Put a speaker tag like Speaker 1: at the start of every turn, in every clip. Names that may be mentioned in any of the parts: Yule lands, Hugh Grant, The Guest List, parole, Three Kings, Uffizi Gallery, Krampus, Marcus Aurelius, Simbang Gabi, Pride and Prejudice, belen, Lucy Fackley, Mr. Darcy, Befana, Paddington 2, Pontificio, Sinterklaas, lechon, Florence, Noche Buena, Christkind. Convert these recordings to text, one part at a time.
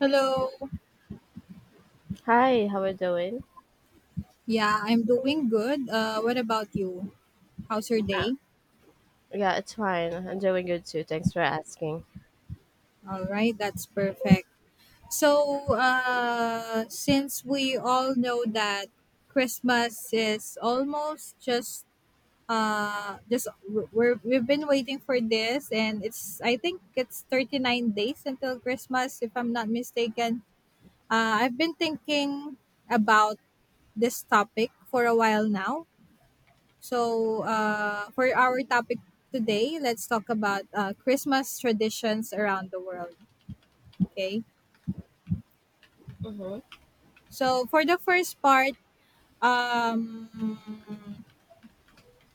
Speaker 1: Hello.
Speaker 2: Hi, how are you doing?
Speaker 1: Yeah, I'm doing good. What about you? How's your
Speaker 2: Uh,
Speaker 1: day?
Speaker 2: yeah, it's fine. I'm doing good too. Thanks for asking.
Speaker 1: All right, that's perfect. So, since we all know that Christmas is almost just we're we've been waiting for this, and it's I think it's 39 days until Christmas, if I'm not mistaken. I've been thinking about this topic for a while now. So, for our topic today, let's talk about Christmas traditions around the world. Okay.
Speaker 2: Mm-hmm.
Speaker 1: So, for the first part, um,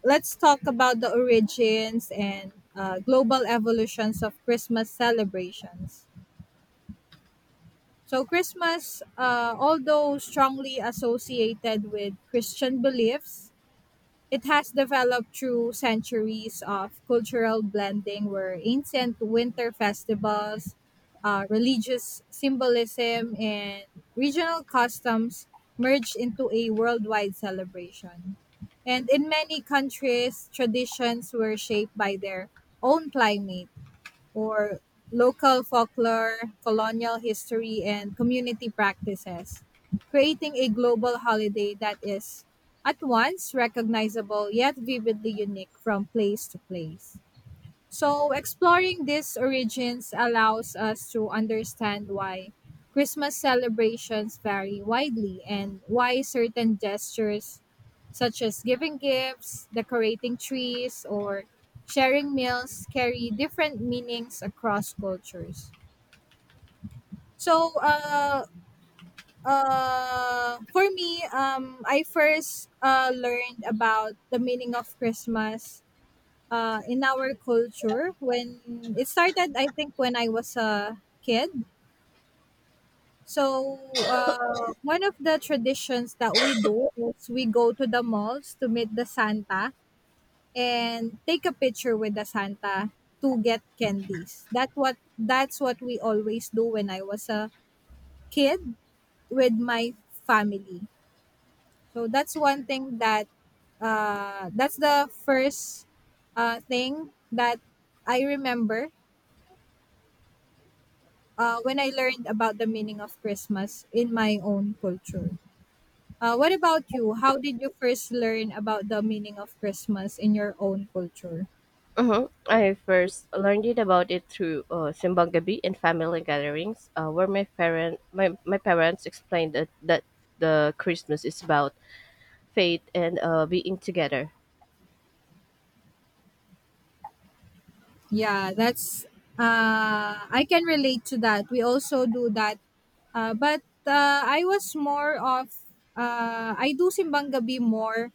Speaker 1: let's talk about the origins and global evolutions of Christmas celebrations. So, Christmas, although strongly associated with Christian beliefs, it has developed through centuries of cultural blending, where ancient winter festivals, religious symbolism, and regional customs merged into a worldwide celebration. And in many countries, traditions were shaped by their own climate or local folklore, colonial history, and community practices, creating a global holiday that is at once recognizable yet vividly unique from place to place. So, exploring these origins allows us to understand why Christmas celebrations vary widely and why certain gestures, such as giving gifts, decorating trees, or sharing meals, carry different meanings across cultures. So, for me, I first learned about the meaning of Christmas in our culture when it started. I think when I was a kid, so one of the traditions that we do is we go to the malls to meet the Santa and take a picture with the Santa to get candies. That's what we always do when I was a kid with my family. So that's one thing that's the first thing that I remember when I learned about the meaning of Christmas in my own culture. What about you? How did you first learn about the meaning of Christmas in your own culture?
Speaker 2: Mm-hmm. I first learned it about it through Simbang Gabi and family gatherings, where my parents explained that the Christmas is about faith and being together.
Speaker 1: Yeah, that's I can relate to that. We also do that, but I was more of I do Simbang Gabi more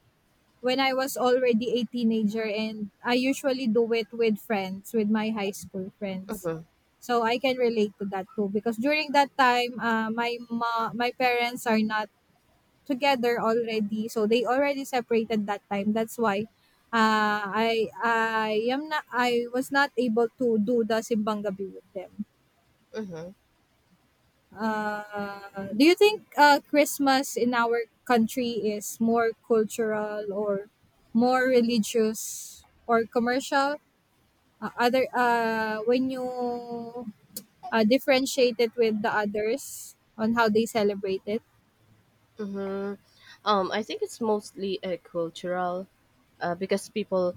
Speaker 1: when I was already a teenager, and I usually do it with friends, with my high school friends.
Speaker 2: Mm-hmm.
Speaker 1: So I can relate to that too, because during that time, my parents are not together already. So they already separated that time. That's why I was not able to do the Simbang Gabi with them.
Speaker 2: Mm-hmm.
Speaker 1: Do you think Christmas in our country is more cultural or more religious or commercial? Other when you differentiate it with the others on how they celebrate it.
Speaker 2: Mm-hmm. I think it's mostly cultural because people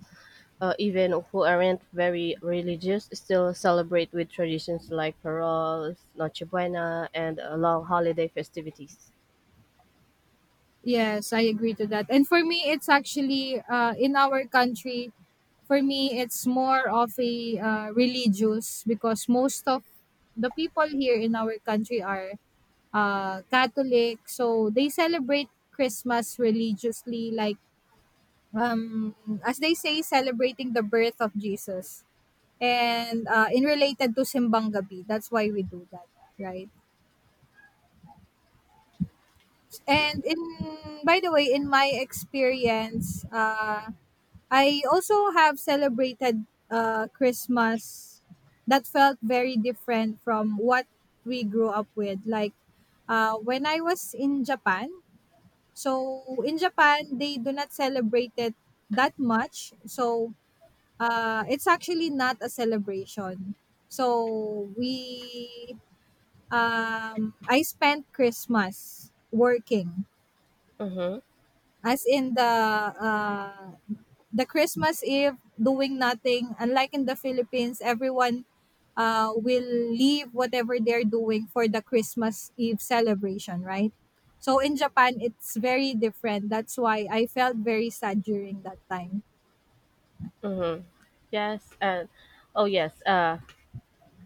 Speaker 2: even who aren't very religious still celebrate with traditions like paroles, Noche Buena, and long holiday festivities.
Speaker 1: Yes, I agree to that. And for me, it's actually in our country. For me, it's more of a religious, because most of the people here in our country are Catholic, so they celebrate Christmas religiously, like um, as they say, celebrating the birth of Jesus, and in related to Simbang Gabi. That's why we do that, right? And in By the way, in my experience, I also have celebrated Christmas that felt very different from what we grew up with. Like when I was in Japan, so in Japan, they do not celebrate it that much. So it's actually not a celebration. So we, I spent Christmas working
Speaker 2: Mm-hmm.
Speaker 1: as in uh, the Christmas Eve doing nothing. Unlike in the Philippines, everyone will leave whatever they're doing for the Christmas Eve celebration, right? So in Japan, it's very different. That's why I felt very sad during that time.
Speaker 2: Yes, and oh yes,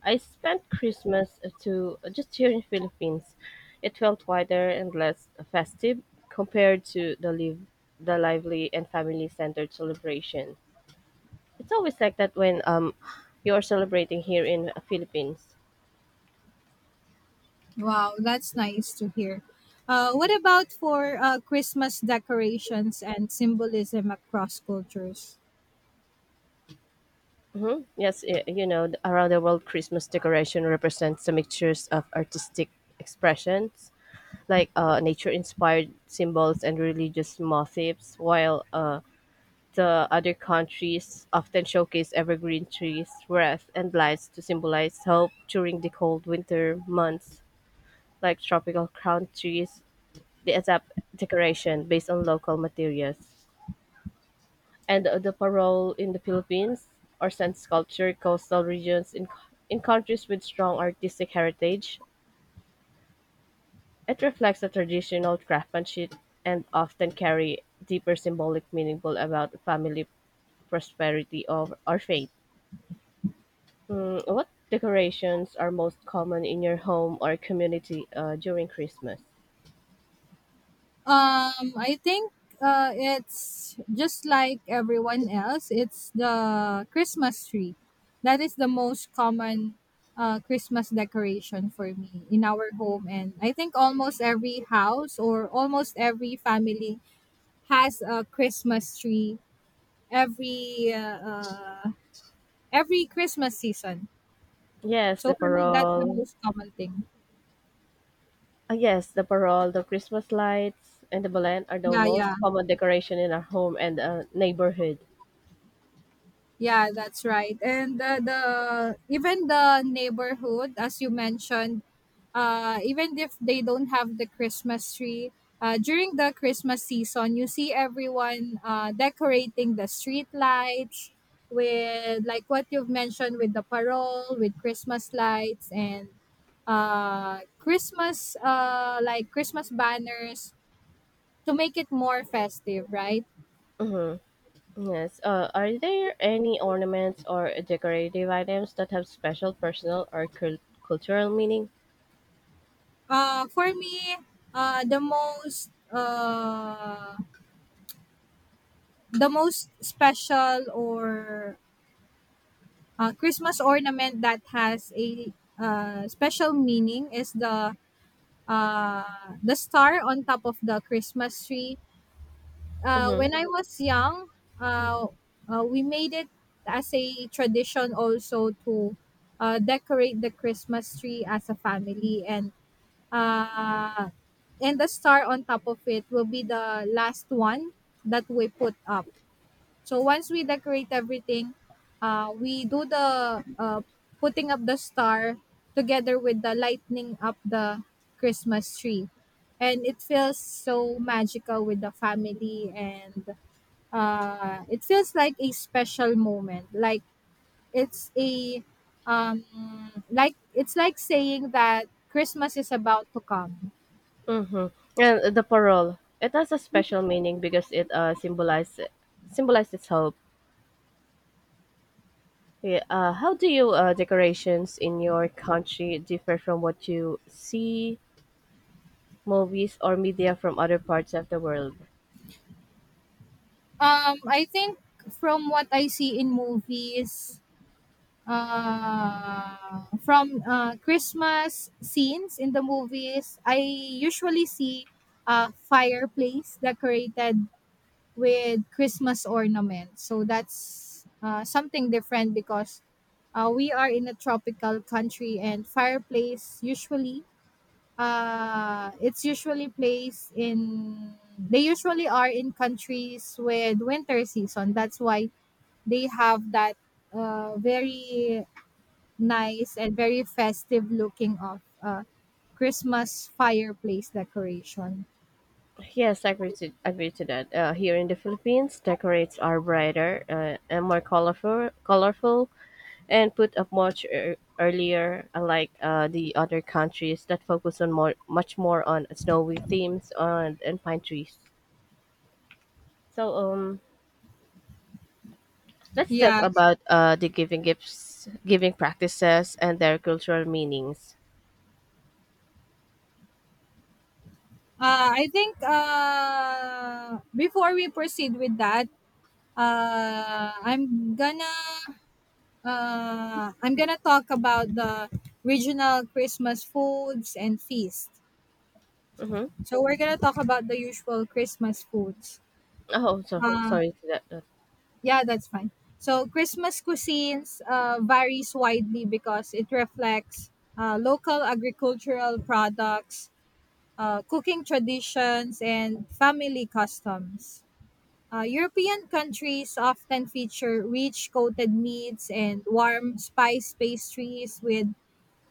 Speaker 2: I spent Christmas to just here in Philippines. It felt quieter and less festive compared to the lively and family centered celebration. It's always like that when you're celebrating here in Philippines.
Speaker 1: Wow, that's nice to hear. What about for Christmas decorations and symbolism across cultures?
Speaker 2: Yes, you know, around the world, Christmas decoration represents the mixtures of artistic expressions, like nature-inspired symbols and religious motifs, while the other countries often showcase evergreen trees, wreaths, and lights to symbolize hope during the cold winter months. Like tropical crown trees, they adapt decoration based on local materials. And the parole in the Philippines are sand sculpture coastal regions in countries with strong artistic heritage. It reflects the traditional craftsmanship and often carry deeper symbolic meaning about family prosperity of or faith. Mm, what decorations are most common in your home or community during Christmas?
Speaker 1: I think it's just like everyone else. It's the Christmas tree. That is the most common Christmas decoration for me in our home, and I think almost every house or almost every family has a Christmas tree every uh, uh, every Christmas season.
Speaker 2: Yes,
Speaker 1: So
Speaker 2: the
Speaker 1: for me, that's the
Speaker 2: parole.
Speaker 1: most common thing.
Speaker 2: Yes, the parole, the Christmas lights, and the belen are the
Speaker 1: Yeah, yeah.
Speaker 2: most common decoration in our home and neighborhood.
Speaker 1: Yeah, that's right. And the even the neighborhood, as you mentioned, even if they don't have the Christmas tree, during the Christmas season, you see everyone decorating the street lights with like what you've mentioned, with the parole, with Christmas lights, and Christmas like Christmas banners to make it more festive, right?
Speaker 2: Mm-hmm. Yes. Are there any ornaments or decorative items that have special personal or cultural meaning?
Speaker 1: For me, uh, the most uh, the most special or Christmas ornament that has a special meaning is uh, the star on top of the Christmas tree.
Speaker 2: Mm-hmm.
Speaker 1: When I was young, uh, we made it as a tradition also to decorate the Christmas tree as a family. And Uh, and the star on top of it will be the last one that we put up. So once we decorate everything, we do the putting up the star, together with the lighting up the Christmas tree. And it feels so magical with the family, and it feels like a special moment. It's a um, like it's like saying that Christmas is about to come.
Speaker 2: And the parole. It has a special meaning because it symbolizes symbolizes hope. Yeah, how do you decorations in your country differ from what you see movies or media from other parts of the world?
Speaker 1: I think from what I see in movies, from Christmas scenes in the movies, I usually see a fireplace decorated with Christmas ornaments. So that's something different because we are in a tropical country, and fireplace usually it's usually placed in they usually are in countries with winter season. That's why they have that very nice and very festive looking of Christmas fireplace decoration.
Speaker 2: Yes, I agree to that. Here in the Philippines, decorates are brighter and more colorful, and put up much earlier, unlike the other countries that focus on much more on snowy themes on and pine trees. So let's talk
Speaker 1: Yeah.
Speaker 2: about the giving gifts, giving practices, and their cultural meanings.
Speaker 1: I think before we proceed with that, uh, I'm gonna I'm gonna talk about the regional Christmas foods and feast.
Speaker 2: Mm-hmm.
Speaker 1: So we're gonna talk about the usual Christmas foods.
Speaker 2: Oh, so,
Speaker 1: Uh,
Speaker 2: sorry to that.
Speaker 1: yeah, that's fine. So Christmas cuisines varies widely because it reflects local agricultural products, cooking traditions, and family customs. European countries often feature rich coated meats and warm spice pastries, with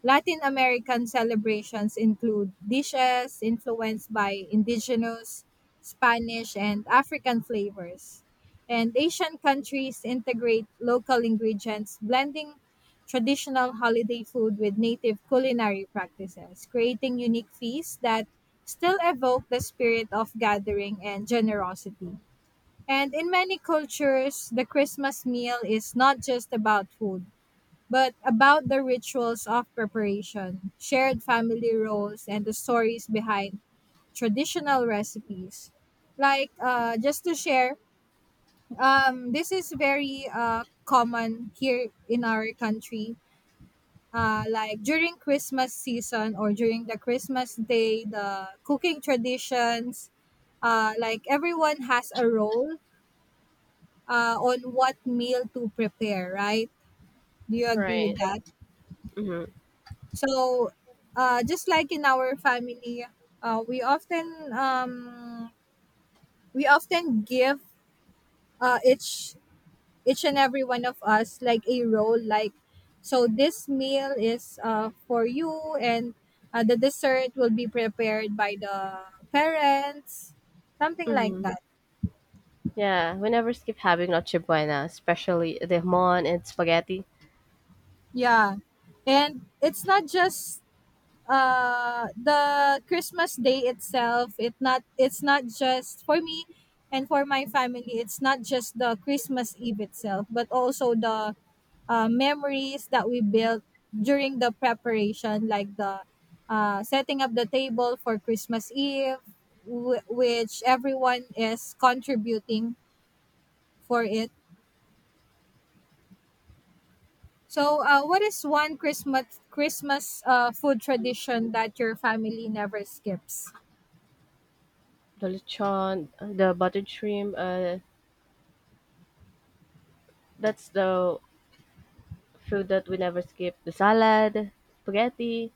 Speaker 1: Latin American celebrations include dishes influenced by indigenous, Spanish, and African flavors. And Asian countries integrate local ingredients, blending traditional holiday food with native culinary practices, creating unique feasts that still evoke the spirit of gathering and generosity. And in many cultures, the Christmas meal is not just about food, but about the rituals of preparation, shared family roles, and the stories behind traditional recipes. Like, just to share, this is very common here in our country. Like during Christmas season, or during the Christmas day, the cooking traditions, like everyone has a role on what meal to prepare, right? Do you agree
Speaker 2: Right.
Speaker 1: with that?
Speaker 2: Mm-hmm.
Speaker 1: So, just like in our family, uh, we often um, we often give uh, each each and every one of us like a role. Like, so this meal is for you, and the dessert will be prepared by the parents, something like
Speaker 2: Mm-hmm.
Speaker 1: that.
Speaker 2: Yeah, we never skip having noche buena, especially the mon and spaghetti,
Speaker 1: Yeah, and it's not just the Christmas day itself, it's not just for me and for my family. It's not just the Christmas Eve itself, but also the memories that we built during the preparation, like the setting up the table for Christmas Eve, which everyone is contributing for it. So what is one Christmas food tradition that your family never skips?
Speaker 2: the lechon, the buttered shrimp. That's the food that we never skip, the salad, spaghetti.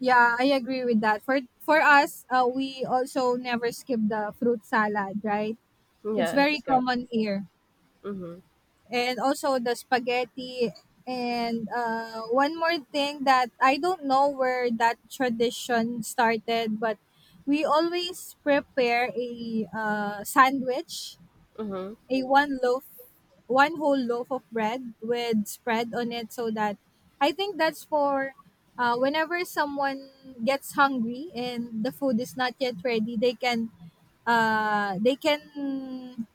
Speaker 1: Yeah, I agree with that. For us, we also never skip the fruit salad, right? It's very
Speaker 2: Yes, correct.
Speaker 1: common here.
Speaker 2: Mhm,
Speaker 1: And also the spaghetti, and one more thing that I don't know where that tradition started, but we always prepare a sandwich,
Speaker 2: mhm,
Speaker 1: a one loaf one whole loaf of bread with spread on it, so that I think that's for whenever someone gets hungry and the food is not yet ready, they can uh, they can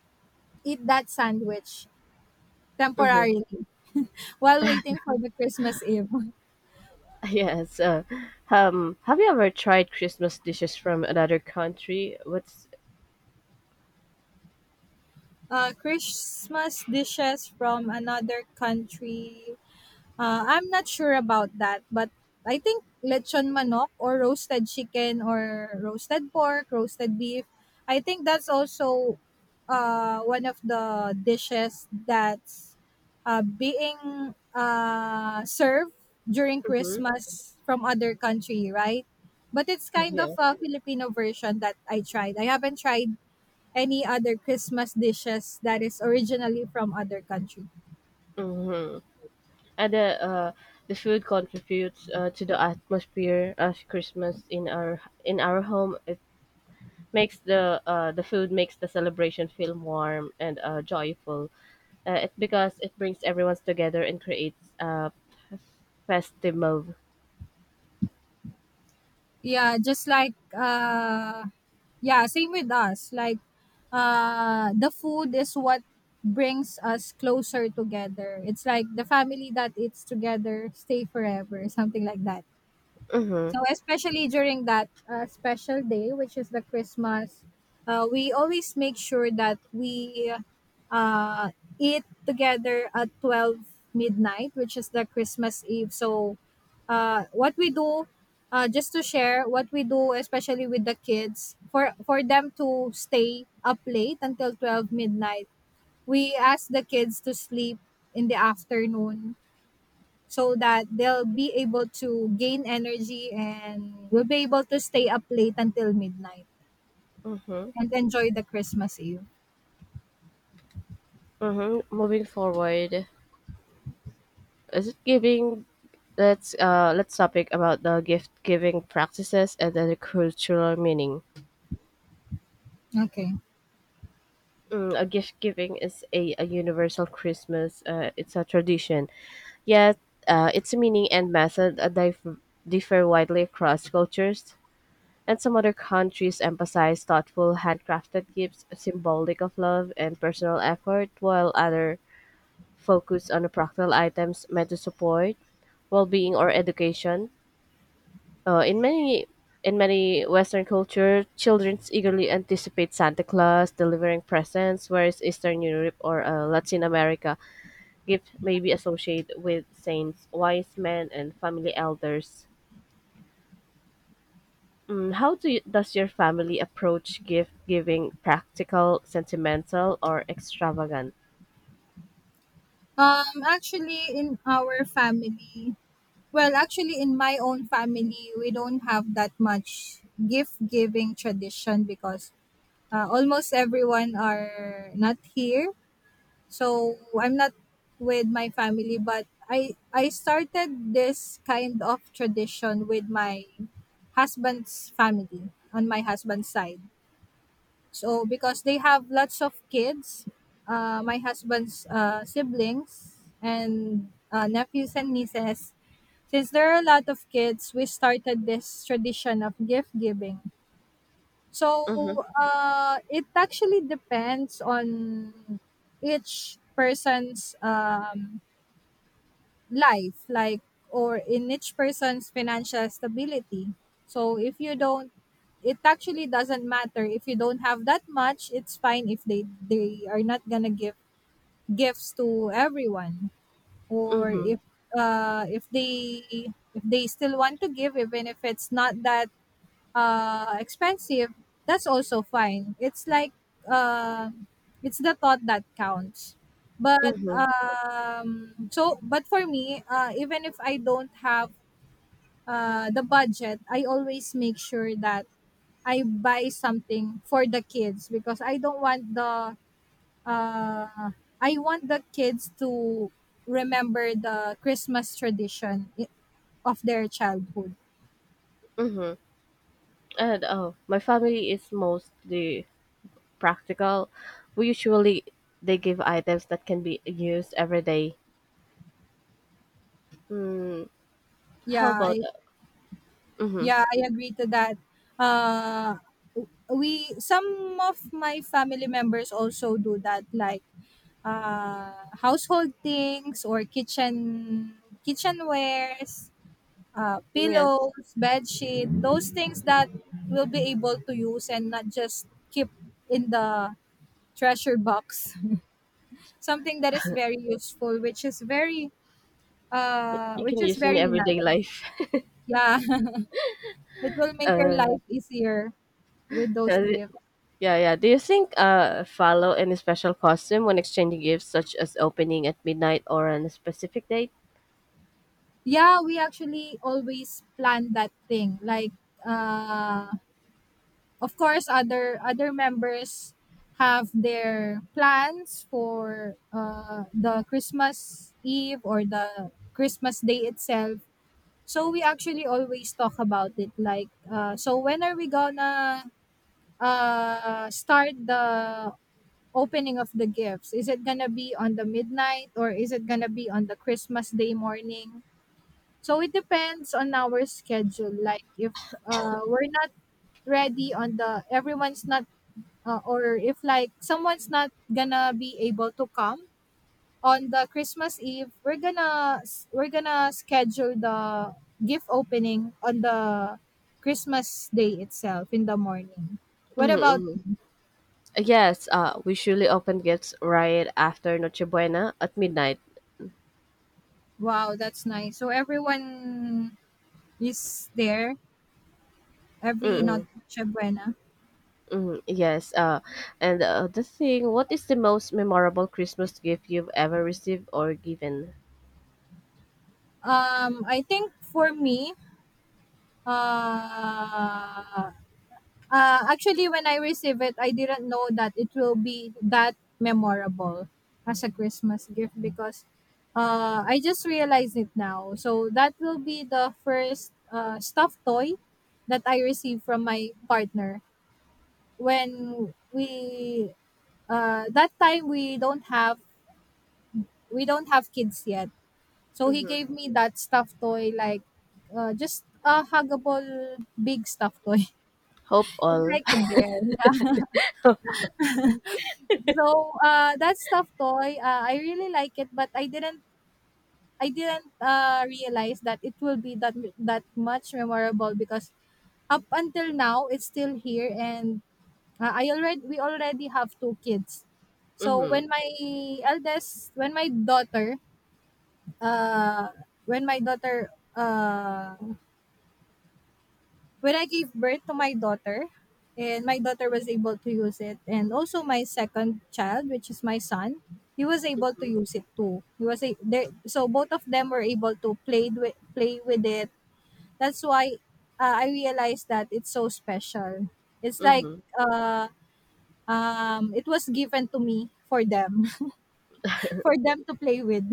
Speaker 1: eat that sandwich
Speaker 2: mhm.
Speaker 1: temporarily while waiting for the Christmas Eve.
Speaker 2: Yes. Have you ever tried Christmas dishes from another country? What's
Speaker 1: Christmas dishes from another country. I'm not sure about that, but I think lechon manok, or roasted chicken, or roasted pork, roasted beef. I think that's also one of the dishes that's being served during
Speaker 2: mhm,
Speaker 1: Christmas from other country, right? But it's kind of
Speaker 2: yeah,
Speaker 1: a Filipino version that I tried. I haven't tried any other Christmas dishes that is originally from other country.
Speaker 2: mhm. And the food contributes to the atmosphere of Christmas in our home. It makes the food makes the celebration feel warm and joyful. It because it brings everyone together and creates a festive mood.
Speaker 1: yeah just like uh yeah, same with us. Like the food is what brings us closer together. It's like the family that eats together stay forever, something like that.
Speaker 2: Mhm,
Speaker 1: So especially during that special day, which is the Christmas, we always make sure that we uh, eat together at 12 midnight, which is the Christmas Eve. So uh, what we do, just to share, what we do, especially with the kids, for them to stay up late until 12 midnight, we ask the kids to sleep in the afternoon so that they'll be able to gain energy and will be able to stay up late until midnight
Speaker 2: mhm,
Speaker 1: and enjoy the Christmas Eve.
Speaker 2: mhm. Moving forward, is it giving? Let's topic about the gift giving practices and then the cultural meaning.
Speaker 1: Okay.
Speaker 2: Mm, a gift giving is a universal Christmas. It's a tradition. Yet, its meaning and method differ widely across cultures. And some other countries emphasize thoughtful, handcrafted gifts, symbolic of love and personal effort, while other focus on the practical items meant to support well-being or education. Uh, in many in many Western culture, children eagerly anticipate Santa Claus delivering presents, whereas Eastern Europe or Latin America, gift may be associated with saints, wise men, and family elders. Mm, how do you, does your family approach gift giving? Practical, sentimental, or extravagant?
Speaker 1: Um actually in our family, actually, in my own family, we don't have that much gift giving tradition because almost everyone are not here so I'm not with my family, but I started this kind of tradition with my husband's family on my husband's side. So because they have lots of kids, my husband's siblings and nephews and nieces, since there are a lot of kids we started this tradition of gift giving.
Speaker 2: Mm-hmm,
Speaker 1: So it actually depends on each person's life, like or in each person's financial stability. So if you don't, it actually doesn't matter if you don't have that much. It's fine if they are not gonna give gifts to everyone, or
Speaker 2: mm-hmm,
Speaker 1: if they still want to give, even if it's not that expensive, that's also fine. It's like uh it's the thought that counts. But
Speaker 2: mm-hmm,
Speaker 1: um so but for me, even if I don't have the budget, I always make sure that I buy something for the kids because I don't want the uh I want the kids to remember the Christmas tradition of their childhood.
Speaker 2: mm-hmm. And oh, my family is mostly practical. We usually they give items that can be used every day. Mm, how
Speaker 1: Yeah,
Speaker 2: about
Speaker 1: I
Speaker 2: mm-hmm.
Speaker 1: Yeah, I agree to that. Uh, we, some of my family members also do that, like household things or kitchenwares,
Speaker 2: Yes,
Speaker 1: pillows, bed sheet, those things that we'll be able to use and not just keep in the treasure box. Something that is very useful,
Speaker 2: you can
Speaker 1: which is
Speaker 2: use in
Speaker 1: very
Speaker 2: everyday
Speaker 1: nice.
Speaker 2: life.
Speaker 1: Yeah, it will make your
Speaker 2: Uh,
Speaker 1: life easier with those gifts.
Speaker 2: yeah, yeah. Do you think follow any special costume when exchanging gifts, such as opening at midnight or on a specific date?
Speaker 1: Yeah, we actually always plan that thing. Like uh of course other members have their plans for the Christmas Eve or the Christmas day itself. So we actually always talk about it like so when are we gonna start the opening of the gifts? Is it gonna be on the midnight or is it gonna be on the Christmas day morning? So it depends on our schedule. Like if we're not ready on the everyone's not or if like someone's not gonna be able to come on the Christmas Eve, we're gonna schedule the gift opening on the Christmas day itself in the morning. What about
Speaker 2: Mm-hmm. Yes, we usually open gifts right after Noche Buena at midnight.
Speaker 1: wow, that's nice. So everyone is there every
Speaker 2: Mm-hmm.
Speaker 1: noche buena.
Speaker 2: Mm, yes. What is the most memorable Christmas gift you've ever received or given?
Speaker 1: I think for me, Uh, actually, when I receive it, I didn't know that it will be that memorable as a Christmas gift because I just realized it now. So that will be the first stuffed toy that I received from my partner when we that time we don't have kids yet. So he gave me that stuffed toy like just a huggable big stuffed toy.
Speaker 2: Hope
Speaker 1: It's
Speaker 2: all.
Speaker 1: like a bear. Yeah. So that stuffed toy, I really like it, but I didn't. I didn't realize that it will be that that much memorable because up until now it's still here, and I already we already have two kids. So
Speaker 2: Mm-hmm.
Speaker 1: when my eldest, when my daughter, uh, when my daughter uh, when I gave birth to my daughter, and my daughter was able to use it, and also my second child, which is my son, he was able to use it too. He was a, they, so both of them were able to play with it. That's why I realized that it's so special. It's like
Speaker 2: Mm-hmm.
Speaker 1: uh, it was given to me for them, for them to play with.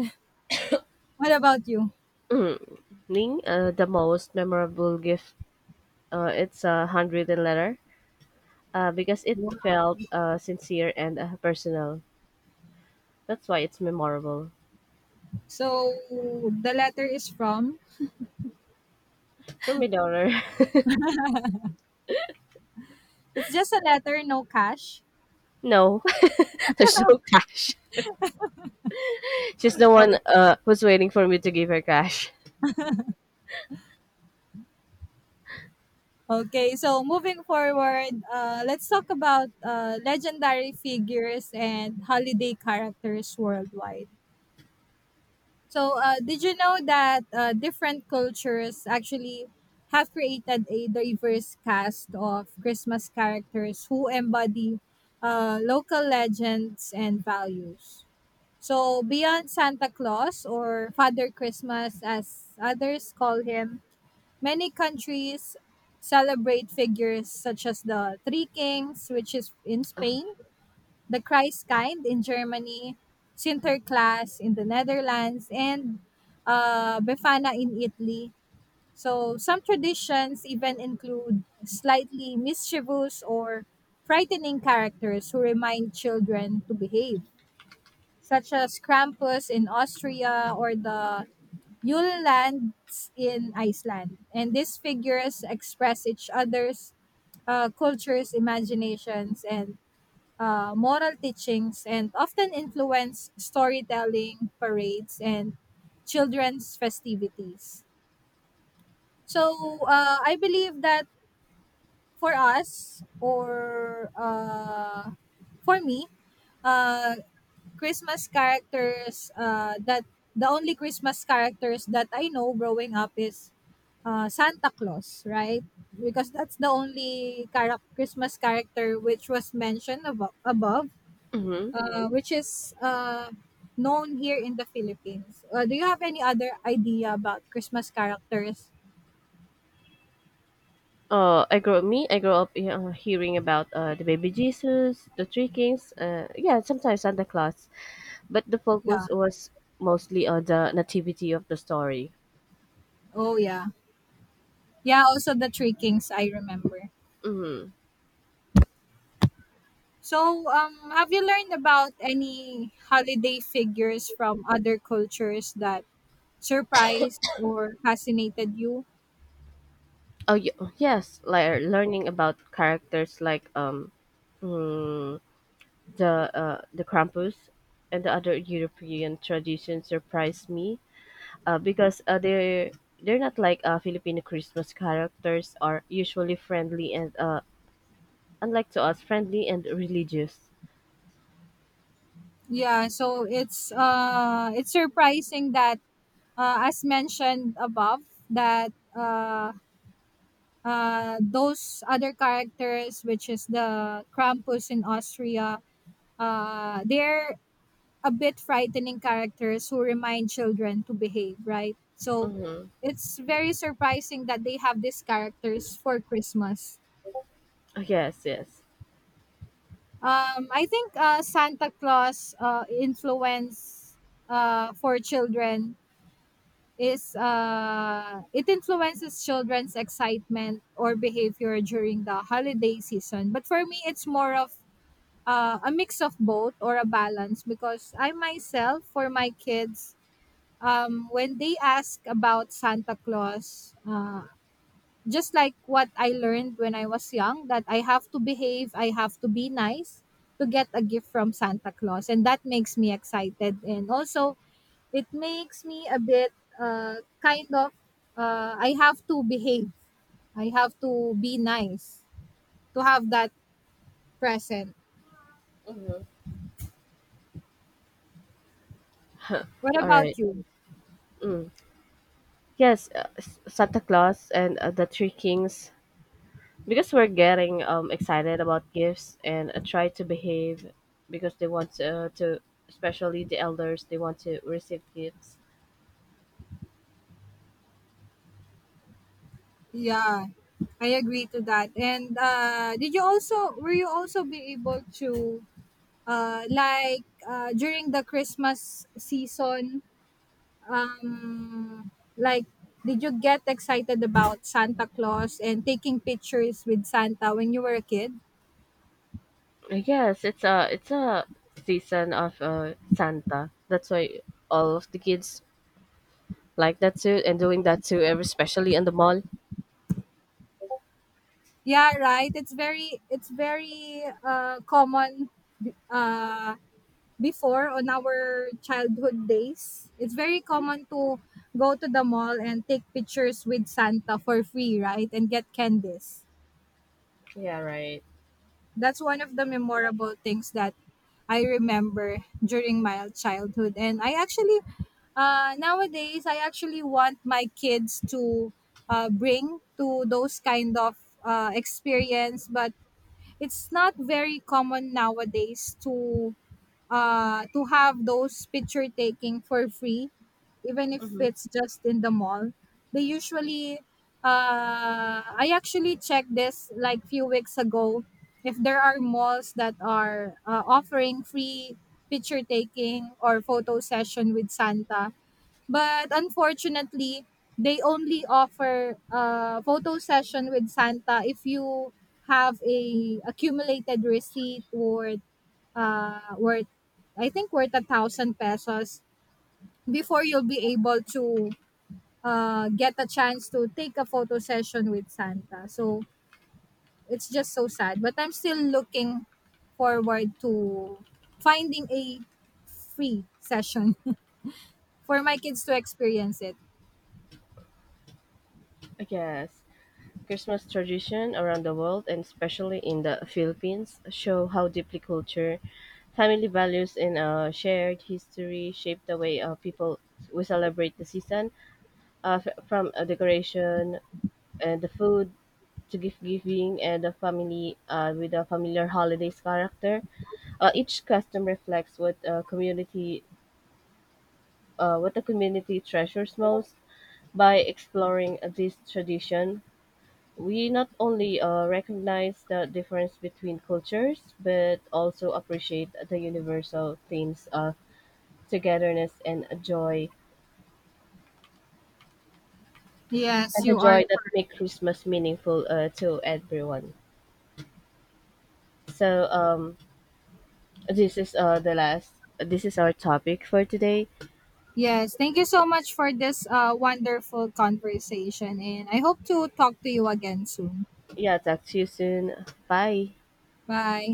Speaker 1: What about you?
Speaker 2: Ning, the most memorable gift. It's a handwritten letter. Because it felt sincere and personal. That's why it's memorable.
Speaker 1: So the letter is from.
Speaker 2: From my daughter.
Speaker 1: It's just a letter, no cash.
Speaker 2: No, there's no cash. She's the one who's waiting for me to give her cash.
Speaker 1: Okay, so moving forward, let's talk about legendary figures and holiday characters worldwide. So, did you know that different cultures actually have created a diverse cast of Christmas characters who embody local legends and values? So, beyond Santa Claus or Father Christmas, as others call him, many countries celebrate figures such as the Three Kings, which is in Spain, the Christkind in Germany, Sinterklaas in the Netherlands, and Befana in Italy. So some traditions even include slightly mischievous or frightening characters who remind children to behave, such as Krampus in Austria or the Yule lands in Iceland, and these figures express each other's cultures, imaginations, and moral teachings, and often influence storytelling, parades, and children's festivities. So I believe that for us, or for me, uh, Christmas characters that the only Christmas characters that I know growing up is Santa Claus, right? Because that's the only Christmas character which was mentioned above,
Speaker 2: Mhm.
Speaker 1: which is known here in the Philippines. Do you have any other idea about Christmas characters?
Speaker 2: I grew me. I grew up hearing about the baby Jesus, the three kings. Yeah, sometimes Santa Claus, but the
Speaker 1: Yeah.
Speaker 2: focus was mostly on the nativity of the story.
Speaker 1: Oh, yeah. Yeah, also the Three Kings, I remember.
Speaker 2: Mm.
Speaker 1: So, have you learned about any holiday figures from other cultures that surprised or fascinated you?
Speaker 2: Oh yes, like learning about characters like mm, the Krampus and the other European traditions surprised me. Because they're not like Filipino Christmas characters are usually friendly and unlike to us, friendly and religious.
Speaker 1: Yeah, so it's surprising that as mentioned above that those other characters, which is the Krampus in Austria, they're a bit frightening characters who remind children to behave, right? So
Speaker 2: Mm-hmm.
Speaker 1: it's very surprising that they have these characters for Christmas.
Speaker 2: Yes, yes.
Speaker 1: I think Santa Claus influence for children is it influences children's excitement or behavior during the holiday season. But for me, it's more of a mix of both or a balance because I myself, for my kids, when they ask about Santa Claus, just like what I learned when I was young, that I have to behave, I have to be nice to get a gift from Santa Claus. And that makes me excited. And also, it makes me a bit uh, kind of, I have to behave, I have to be nice to have that present.
Speaker 2: Mm-hmm.
Speaker 1: What
Speaker 2: All
Speaker 1: about
Speaker 2: right.
Speaker 1: you?
Speaker 2: Mm. Yes, Santa Claus and the Three Kings. Because we're getting excited about gifts and try to behave because they want especially the elders, they want to receive gifts.
Speaker 1: Yeah, I agree to that. And did you also were you also be able to during the Christmas season, um, like did you get excited about Santa Claus and taking pictures with Santa when you were a kid?
Speaker 2: Yes, it's a season of Santa. That's why all of the kids like that too and doing that too, especially in the mall.
Speaker 1: Yeah, right. It's very common uh, before on our childhood days. It's very common to go to the mall and take pictures with Santa for free, right? And get candies.
Speaker 2: Yeah, right.
Speaker 1: That's one of the memorable things that I remember during my childhood. And I actually, nowadays, I actually want my kids to bring to those kind of experience, but it's not very common nowadays to have those picture taking for free, even if
Speaker 2: Mm-hmm.
Speaker 1: it's just in the mall. They usually, I actually checked this like few weeks ago. If there are malls that are offering free picture taking or photo session with Santa, but unfortunately, they only offer photo session with Santa if you have a accumulated receipt or worth I think worth 1,000 pesos before you'll be able to get a chance to take a photo session with Santa. So it's just so sad. But I'm still looking forward to finding a free session for my kids to experience it.
Speaker 2: Yes. Christmas tradition around the world, and especially in the Philippines, show how deeply culture, family values, and shared history shape the way people we celebrate the season, f- from decoration and the food to gift giving and the family with a familiar holidays character. Each custom reflects what the community treasures most by exploring this tradition. We not only recognize the difference between cultures, but also appreciate the universal themes of togetherness
Speaker 1: Yes,
Speaker 2: and the
Speaker 1: you are.
Speaker 2: joy that make Christmas meaningful to everyone. So this is the last. This is our topic for today.
Speaker 1: Yes, thank you so much for this wonderful conversation, and I hope to talk to you again soon.
Speaker 2: Yeah, talk to you soon. Bye.
Speaker 1: Bye.